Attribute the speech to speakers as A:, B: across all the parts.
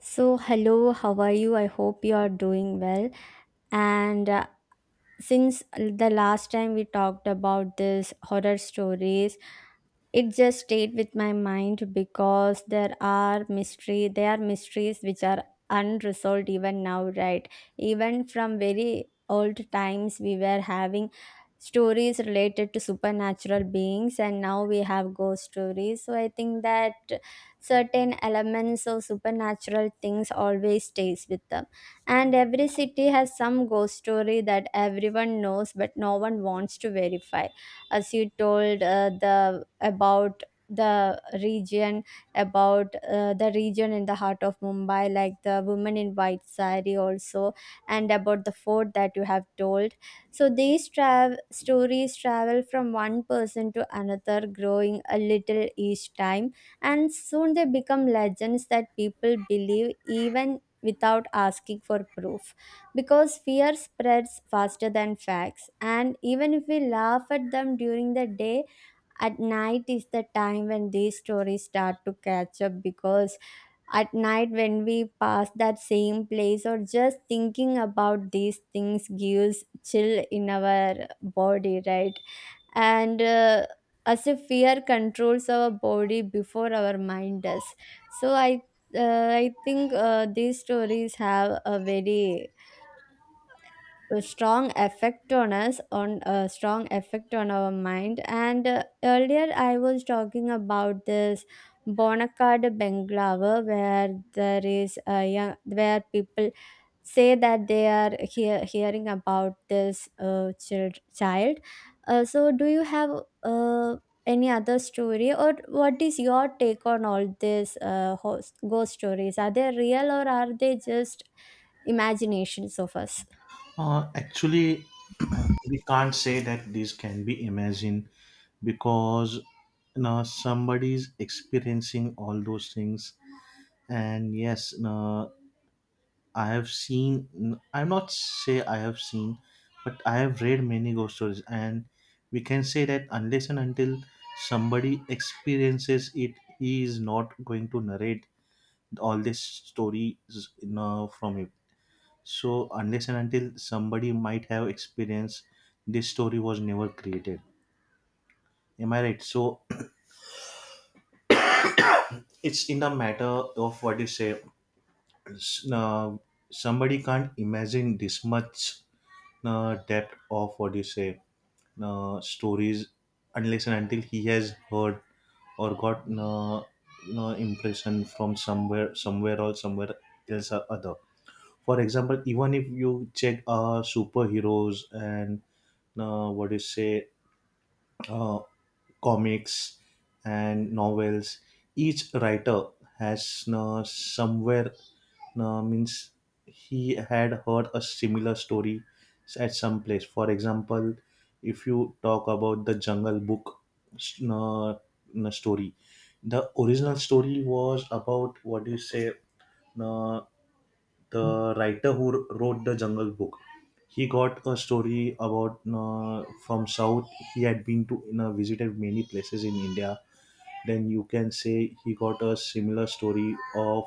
A: So, hello, how are you? I hope you are doing well. And Since the last time we talked about this horror stories, it just stayed with my mind because there are mysteries which are unresolved even now, right? Even from very old times we were having stories related to supernatural beings, and now we have ghost stories. So I think that certain elements of supernatural things always stays with them, and every city has some ghost story that everyone knows but no one wants to verify. As you told, the about the region, about the region in the heart of Mumbai, like the woman in white sari also, and about the fort that you have told. So these travel stories travel from one person to another, growing a little each time, and soon they become legends that people believe even without asking for proof, because fear spreads faster than facts. And even if we laugh at them during the day, at night is the time when these stories start to catch up, because at night when we pass that same place or just thinking about these things gives chill in our body, right? and As if fear controls our body before our mind does. So I think these stories have a very a strong effect on our mind. And Earlier I was talking about this Bonacard Benglava where there is a young, where people say that they are hearing about this child. So do you have uh, any other story, or what is your take on all these ghost stories? Are they real or are they just imaginations of us?
B: Actually, we can't say that this can be imagined because somebody's experiencing all those things. And yes, I have seen, I'm not say I have seen, but I have read many ghost stories. And we can say that unless and until somebody experiences it, he is not going to narrate all these stories from him. So unless and until somebody might have experience, this story was never created. Am I right? So it's in the matter of what you say. s- Uh, Somebody can't imagine this much depth of what you say stories unless and until he has heard or got impression from somewhere or somewhere else or other. For example, even if you check superheroes and what do you say, uh, comics and novels. Each writer has somewhere, means he had heard a similar story at some place. For example, if you talk about the Jungle Book uh, uh, story, the original story was about what do you say? Uh, the writer who wrote the Jungle Book, he got a story about from south. He had been to, visited many places in india. Then you can say he got a similar story of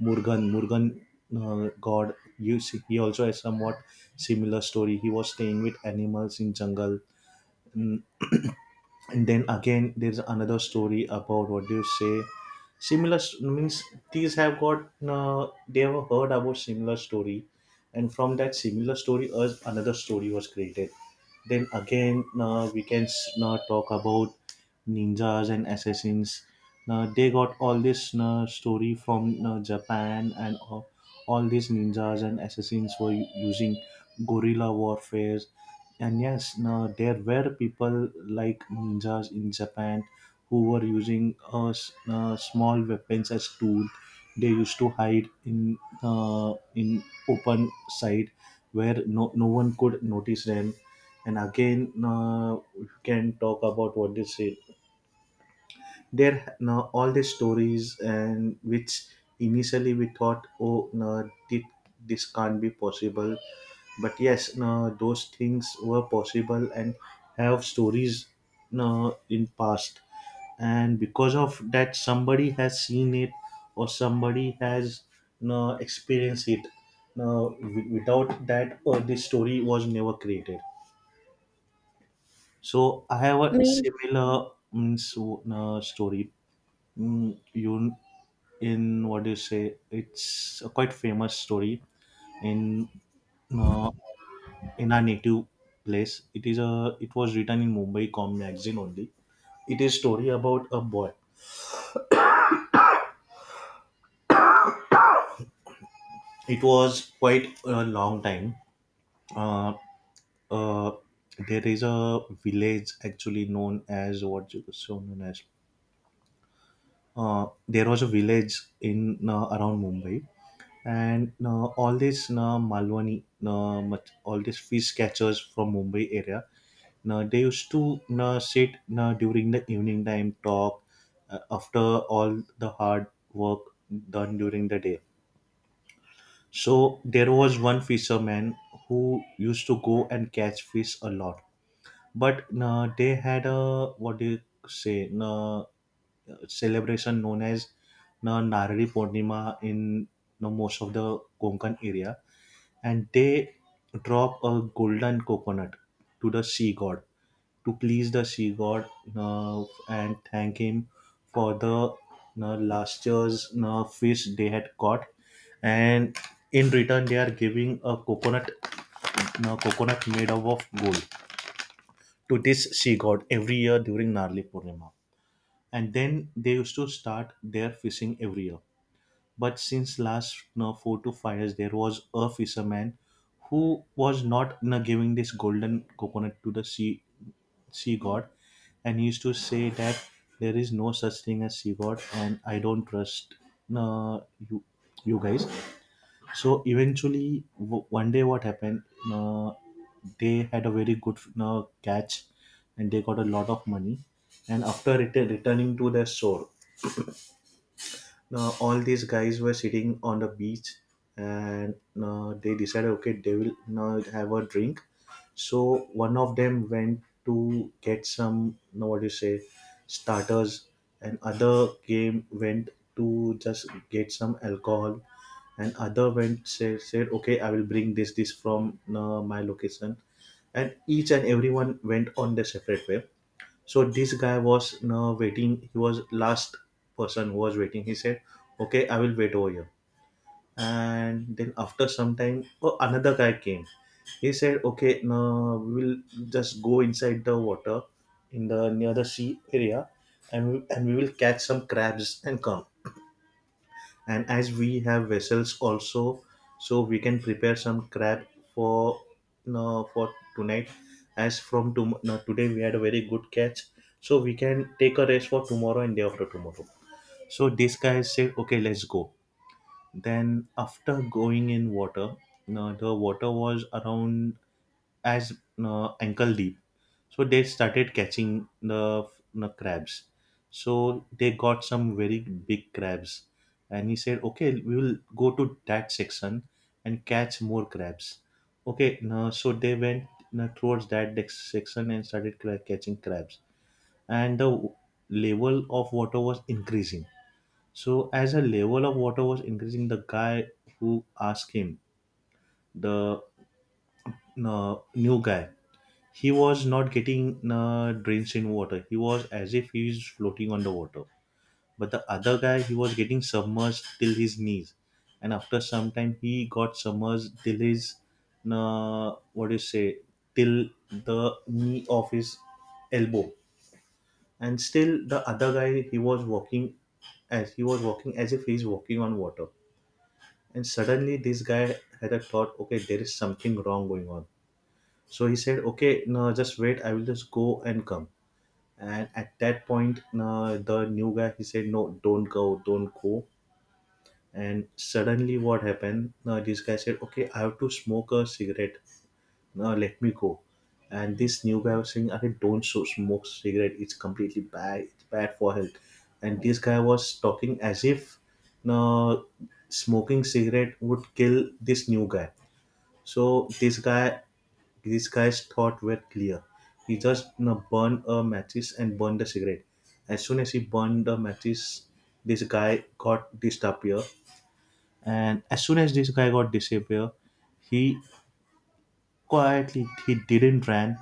B: Murugan. God, you see, he also has somewhat similar story. He was staying with animals in jungle. Mm, and then again, there's another story about what do you say? Means these have got, they have heard about similar story, and from that similar story, us another story was created. Then again, we can now talk about ninjas and assassins. Now they got all this story from Japan, and all these ninjas and assassins were using guerrilla warfare. And yes, now there were people like ninjas in Japan who were using small weapons as tool. They used to hide in open side where no one could notice them. And again, we can talk about what they say there, no, all these stories. And which initially we thought, oh no, this can't be possible, but yes, no, those things were possible and have stories, no, in past. And because of that, somebody has seen it or somebody has, no, experienced it, no, without that this story was never created. So I have a
A: Me.
B: similar means, story. Mm, you, in what do you say? It's a quite famous story in uh, in our native place. It is a, it was written in Mumbai Com magazine only. It is story about a boy. It was quite a long time. Uh, uh, there is a village actually known as what you so known as. There was a village in around Mumbai, and all these Malwani, much all these fish catchers from Mumbai area, they used to sit during the evening time, talk after all the hard work done during the day. So there was one fisherman who used to go and catch fish a lot, but they had a, what do you say, celebration known as Narari Purnima in most of the Konkan area. And they drop a golden coconut to the sea god to please the sea god, uh, and thank him for the last year's fish they had caught. And in return, they are giving a coconut, coconut made up of gold to this sea god every year during Narli Purnima. And then they used to start their fishing every year. But since last, 4 to 5 years, there was a fisherman who was not, giving this golden coconut to the sea god. And he used to say that there is no such thing as sea god, and I don't trust, you, you guys. So eventually, one day, what happened, uh, they had a very good catch, and they got a lot of money. And after returning to their shore, now, all these guys were sitting on the beach. And they decided, okay, they will now have a drink. So one of them went to get some, no, what do you say, starters, and other game went to just get some alcohol, and other went say, said, okay, I will bring this from my location, and each and everyone went on their separate way. So this guy was now waiting. He was last person who was waiting. He said, okay, I will wait over here. And then after some time, oh, another guy came. He said, okay, now we will just go inside the water, in the near the sea area, and we will catch some crabs and come. And as we have vessels also, so we can prepare some crab for, no, for tonight. As from no, today we had a very good catch, so we can take a rest for tomorrow and day after tomorrow. So this guy said, okay, let's go. Then after going in water, no, the water was around as, no, ankle deep. So they started catching the crabs. So they got some very big crabs. And he said, okay, we will go to that section and catch more crabs. Okay, now, so they went, now, towards that section and started catching crabs. And the level of water was increasing. So as the level of water was increasing, the guy who asked him, the, new guy, he was not getting drenched in water. He was as if he is floating on the water. But the other guy, he was getting submerged till his knees, and after some time, he got submerged till his, what do you say, till the knee of his elbow. And still, the other guy, he was walking as he was walking as if he is walking on water. And suddenly, this guy had a thought. Okay, there is something wrong going on. So he said, "Okay, no, just wait. I will just go and come." And at that point, the new guy, he said, no, don't go. And suddenly what happened, this guy said, okay, I have to smoke a cigarette, now let me go. And this new guy was saying, "Okay, don't so smoke cigarette, it's completely bad, it's bad for health." And this guy was talking as if uh, smoking cigarette would kill this new guy. So this guy's thought were clear. He just, burned a matches and burned the cigarette. As soon as he burned the matches, this guy got disappear. And as soon as this guy got disappear, he, quietly, he didn't run.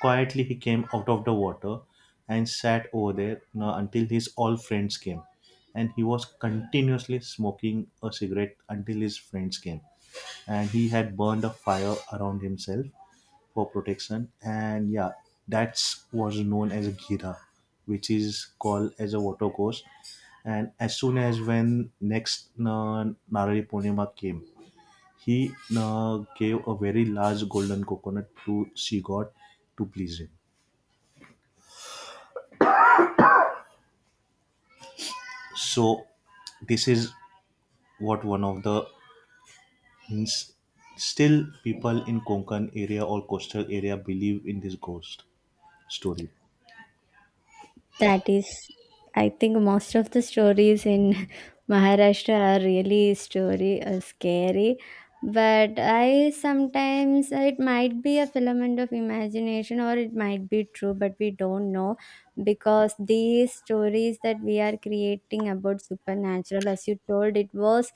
B: Quietly, he came out of the water and sat over there, until his all friends came. And he was continuously smoking a cigarette until his friends came. And he had burned a fire around himself for protection. And yeah, that was known as a gira, which is called as a watercourse. And as soon as when next Narali Purnima came, he gave a very large golden coconut to she god to please him. So this is what one of the hints. Still, people in Konkan area or coastal area believe in this ghost story.
A: That is, I think most of the stories in Maharashtra are really story scary. But I, sometimes it might be a filament of imagination or it might be true, but we don't know, because these stories that we are creating about supernatural, as you told, it was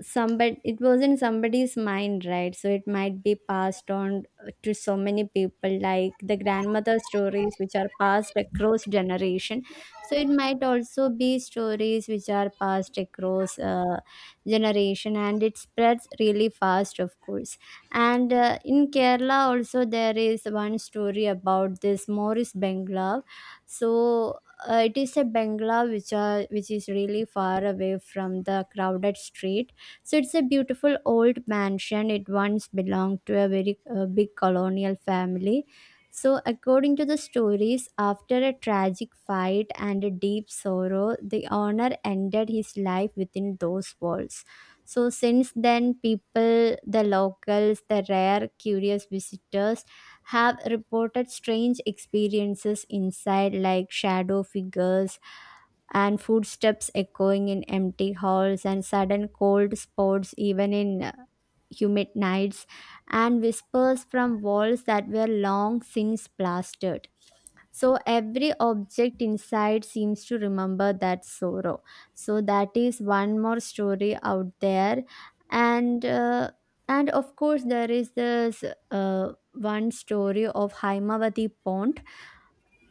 A: somebody, it was in somebody's mind, right? So it might be passed on to so many people, like the grandmother stories which are passed across generation. So it might also be stories which are passed across generation, and it spreads really fast, of course. And In Kerala also there is one story about this Morris Bengla. So it is a bengla which is really far away from the crowded street. So it's a beautiful old mansion. It once belonged to a very big colonial family. So, according to the stories, after a tragic fight and a deep sorrow, the owner ended his life within those walls. So, since then, people, the locals, the rare curious visitors, have reported strange experiences inside, like shadow figures and footsteps echoing in empty halls and sudden cold spots even in humid nights, and whispers from walls that were long since plastered. So every object inside seems to remember that sorrow. So that is one more story out there. and uh, and of course there is this one story of Haimavati pond.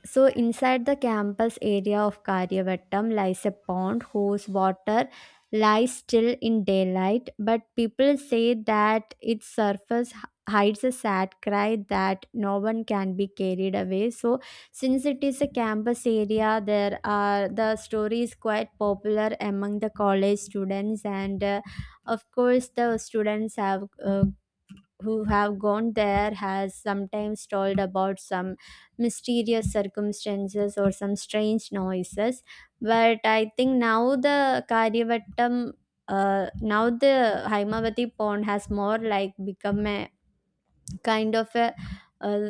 A: So inside the campus area of Karyavattam lies a pond whose water lies still in daylight, but people say that its surface hides a sad cry that no one can be carried away. So since it is a campus area, there are, the story is quite popular among the college students, and of course the students have who have gone there has sometimes told about some mysterious circumstances or some strange noises. But I think now the Karyavattam, now the Haimavati pond has more like become a kind of a, uh,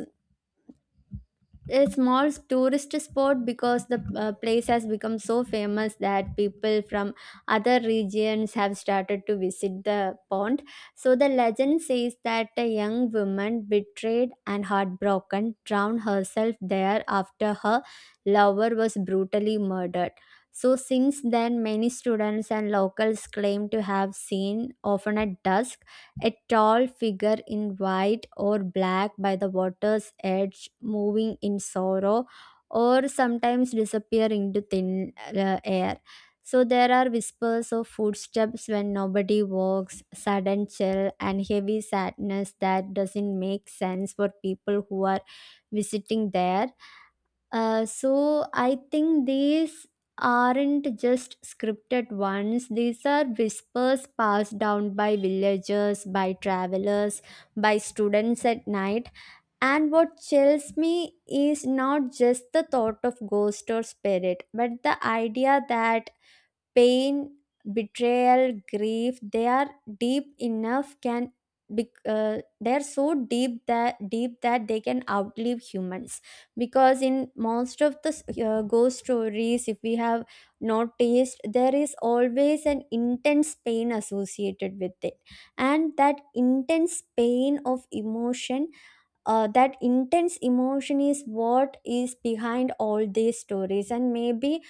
A: a small tourist spot, because the place has become so famous that people from other regions have started to visit the pond. So the legend says that a young woman, betrayed and heartbroken, drowned herself there after her lover was brutally murdered. So since then, many students and locals claim to have seen, often at dusk, a tall figure in white or black by the water's edge, moving in sorrow or sometimes disappearing into thin air. So there are whispers of footsteps when nobody walks, sudden chill, and heavy sadness that doesn't make sense for people who are visiting there. So I think these aren't just scripted ones. These are whispers passed down by villagers, by travelers, by students at night. And what chills me is not just the thought of ghost or spirit, but the idea that pain, betrayal, grief, they are deep enough can be, they're so deep that they can outlive humans, because in most of the ghost stories, if we have noticed, there is always an intense pain associated with it, and that intense pain of emotion, that intense emotion is what is behind all these stories. And maybe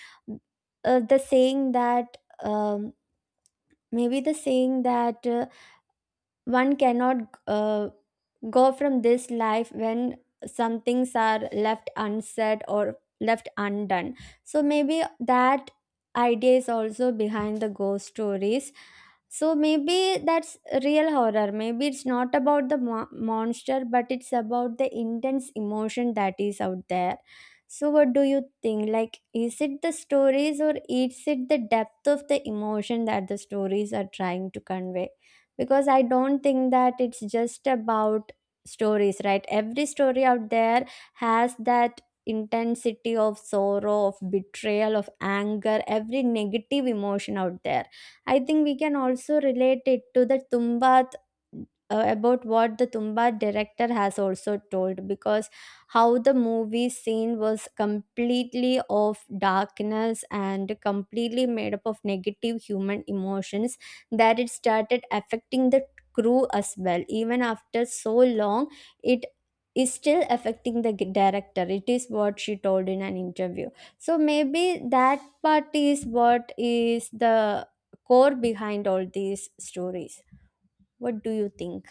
A: the saying that um, maybe the saying that one cannot go from this life when some things are left unsaid or left undone. So maybe that idea is also behind the ghost stories. So maybe that's real horror. Maybe it's not about the monster, but it's about the intense emotion that is out there. So what do you think? Like, is it the stories or is it the depth of the emotion that the stories are trying to convey? Because I don't think that it's just about stories, right? Every story out there has that intensity of sorrow, of betrayal, of anger, every negative emotion out there. I think we can also relate it to the Tumbat, about what the Tumbat director has also told, because how the movie scene was completely of darkness and completely made up of negative human emotions, that it started affecting the crew as well. Even after so long, it is still affecting the director. It is what she told in an interview. So maybe that part is what is the core behind all these stories. What do you think?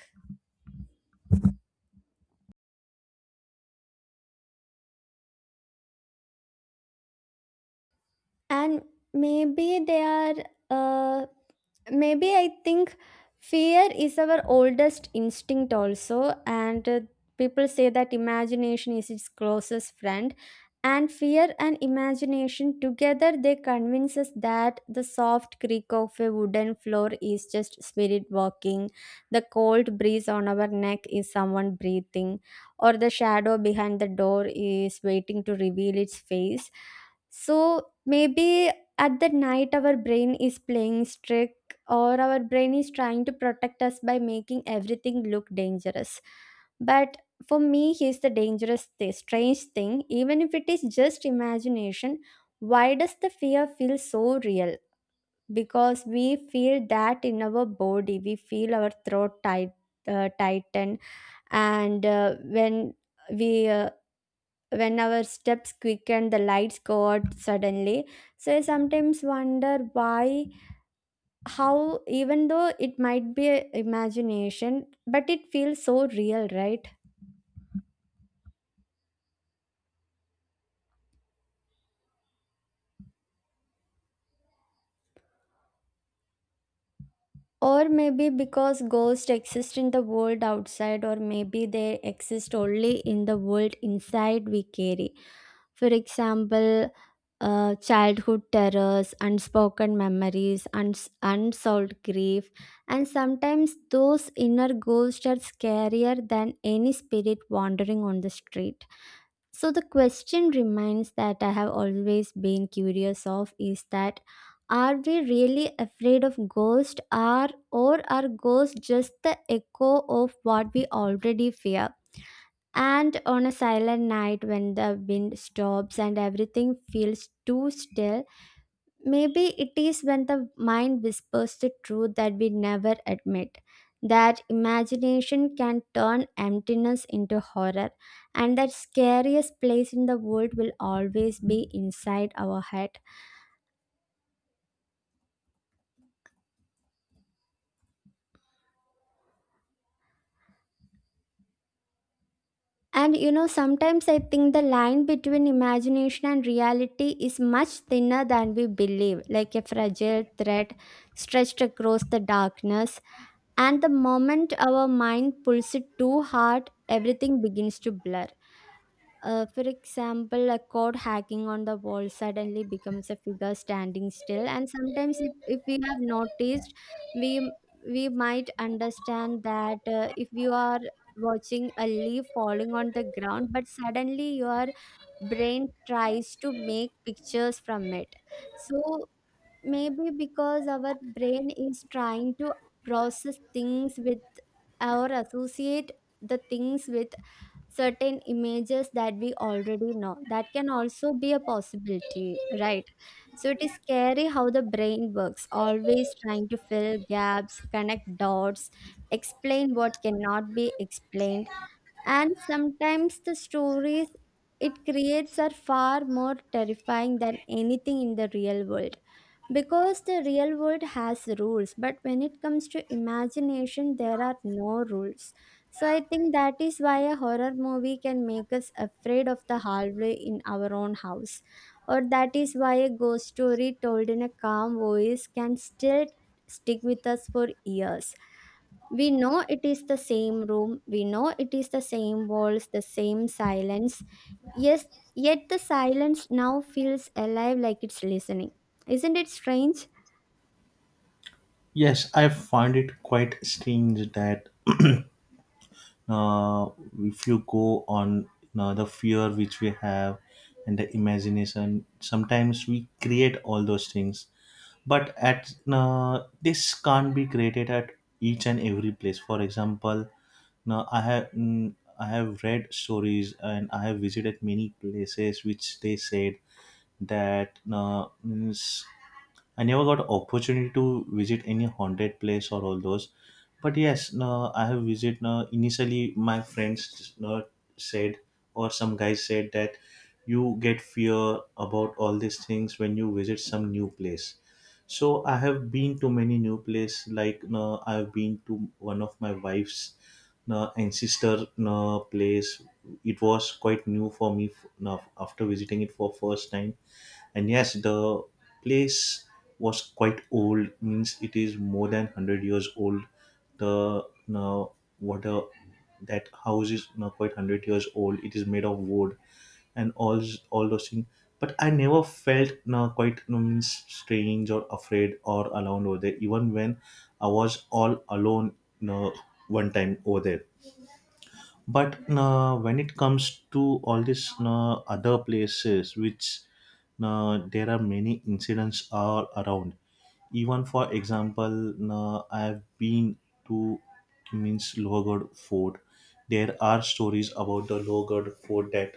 A: And maybe they are uh, maybe I think fear is our oldest instinct also, and people say that imagination is its closest friend, and fear and imagination together, they convince us that the soft creak of a wooden floor is just spirit walking, the cold breeze on our neck is someone breathing, or the shadow behind the door is waiting to reveal its face. So maybe at the night our brain is playing trick, or our brain is trying to protect us by making everything look dangerous. But for me, here's the dangerous thing, strange thing. Even if it is just imagination, why does the fear feel so real? Because we feel that in our body, we feel our throat tight, tighten, and we uh, when our steps quicken, the lights go out suddenly. So I sometimes wonder why, how, even though it might be a imagination, but it feels so real, right? Or maybe because ghosts exist in the world outside, or maybe they exist only in the world inside we carry. For example, childhood terrors, unspoken memories, unsolved grief, and sometimes those inner ghosts are scarier than any spirit wandering on the street. So the question remains that I have always been curious of is that are we really afraid of ghosts, are or are ghosts just the echo of what we already fear? And on a silent night when the wind stops and everything feels too still, maybe it is when the mind whispers the truth that we never admit. That imagination can turn emptiness into horror, and that scariest place in the world will always be inside our head. And you know, sometimes I think the line between imagination and reality is much thinner than we believe, like a fragile thread stretched across the darkness. And the moment our mind pulls it too hard, everything begins to blur. For example, a code hacking on the wall suddenly becomes a figure standing still, and sometimes if we have noticed, we we might understand that if you are watching a leaf falling on the ground, but suddenly your brain tries to make pictures from it. So maybe because our brain is trying to process things with or associate the things with certain images that we already know. That can also be a possibility, right? So it is scary how the brain works, always trying to fill gaps, connect dots, explain what cannot be explained. And sometimes the stories it creates are far more terrifying than anything in the real world. Because the real world has rules, but when it comes to imagination, there are no rules. So I think that is why a horror movie can make us afraid of the hallway in our own house, or that is why a ghost story told in a calm voice can still stick with us for years. We know it is the same room, we know it is the same walls, the same silence. Yes, yet the silence now feels alive, like it's listening. Isn't it strange?
B: Yes, I find it quite strange that uh, if you go on the fear which we have and the imagination, sometimes we create all those things, but at, this can't be created at each and every place. For example, now I have, mm, I have read stories and I have visited many places which they said that, means, I never got opportunity to visit any haunted place or all those. But yes, no, I have visited. No, initially, my friends, no, said or some guys said that you get fear about all these things when you visit some new place. So I have been to many new place. Like, no, I've been to one of my wife's, no, ancestor, no, place. It was quite new for me. No, after visiting it for first time, and yes, the place was quite old, means it is more than 100 years old. The now what a That house is now quite 100 years old. It is made of wood, and all those things. But I never felt now quite you means strange or afraid or alone over there, even when I was all alone, you know, one time over there. But when it comes to all these other places, which, there are many incidents all around. Even for example, I have been to means Lower Fort. There are stories about the Lower Fort, that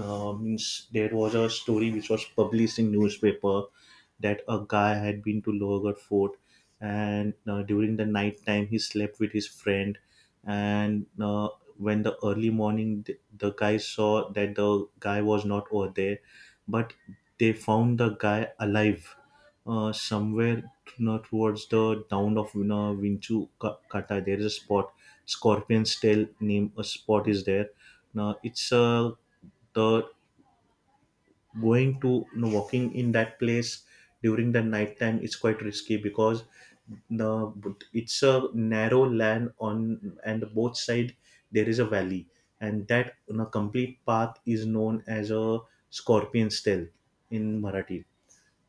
B: means there was a story which was published in newspaper that a guy had been to Lower Fort. And during the night time he slept with his friend. And when the early morning the guy saw that the guy was not over there. But they found the guy alive somewhere, towards the town of Vinchu Kata. There is a spot, Scorpion's Tail name a spot is there. Now it's the going to you know, walking in that place during the night time is quite risky, because the it's a narrow land on and both side there is a valley. And that complete path is known as a Scorpion's Tail in Marathi.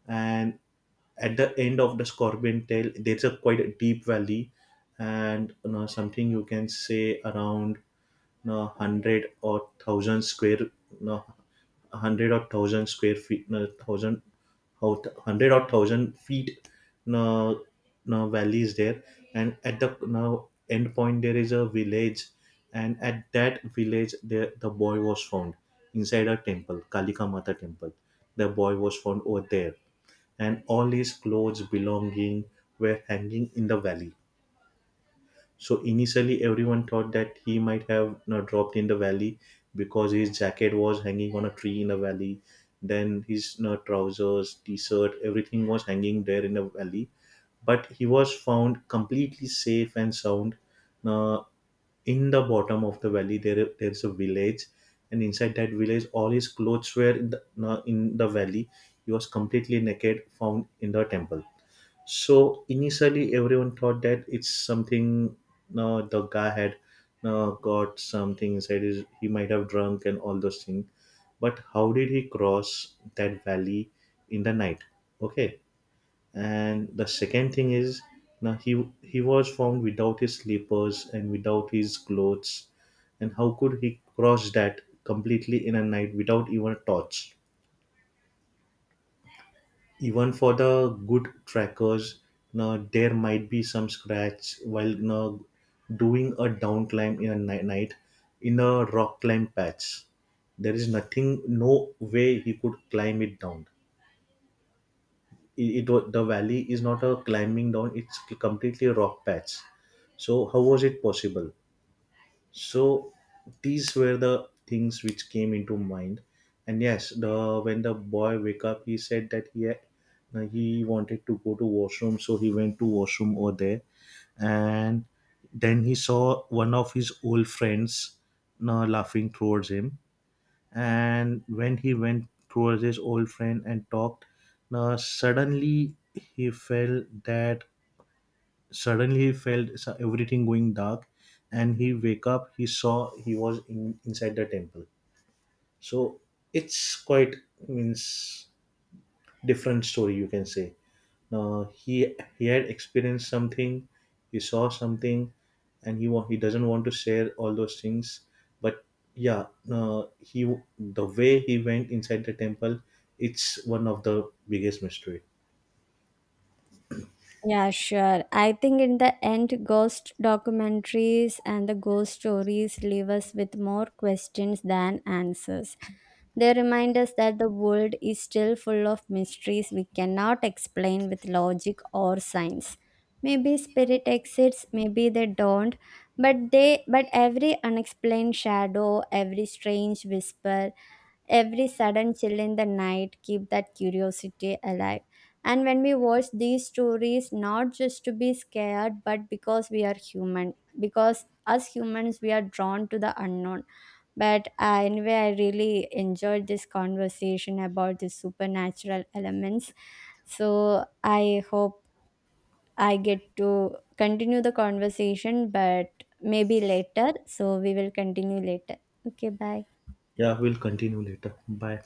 B: And at the end of the Scorpion Tail, there's a quite a deep valley. And something you can say around, no, hundred or thousand square, no, hundred or thousand square feet, no, thousand, how hundred or thousand feet, no, no valley is there. And at the, no, end point there is a village. And at that village, there the boy was found inside a temple, Kalika Mata Temple. The boy was found over there, and all his clothes belonging were hanging in the valley. So initially, everyone thought that he might have dropped in the valley, because his jacket was hanging on a tree in a valley. Then his trousers, t-shirt, everything was hanging there in the valley. But he was found completely safe and sound. Now, in the bottom of the valley, there is a village, and inside that village, all his clothes were in now in the valley. He was completely naked, found in the temple. So initially, everyone thought that it's something. No, the guy had, no, got something inside. His, he might have drunk and all those things. But how did he cross that valley in the night? Okay. And the second thing is, now he was found without his slippers and without his clothes, and how could he cross that completely in a night without even a torch? Even for the good trackers, now there might be some scratch while now doing a down climb in a night, in a rock climb patch. There is nothing, no way he could climb it down. The valley is not a climbing down, it's completely a rock patch. So how was it possible? So these were the things which came into mind. And yes, the when the boy wake up, he said that he had, he wanted to go to washroom, so he went to washroom over there. And then he saw one of his old friends now laughing towards him. And when he went towards his old friend and talked, now suddenly he felt that. Suddenly he felt everything going dark, and he wake up. He saw he was in, inside the temple. So it's quite means different story you can say. He had experienced something, he saw something, and he doesn't want to share all those things. But yeah, he the way he went inside the temple, it's one of the biggest mystery.
A: Yeah, sure. I think in the end, ghost documentaries and the ghost stories leave us with more questions than answers. They remind us that the world is still full of mysteries we cannot explain with logic or science. Maybe spirit exists, maybe they don't, but every unexplained shadow, every strange whisper, every sudden chill in the night keep that curiosity alive. And when we watch these stories, not just to be scared, but because we are human, because us humans, we are drawn to the unknown. But anyway, I really enjoyed this conversation about the supernatural elements. So I hope I get to continue the conversation, but maybe later. So we will continue later. Okay, bye.
B: Yeah, we'll continue later. Bye.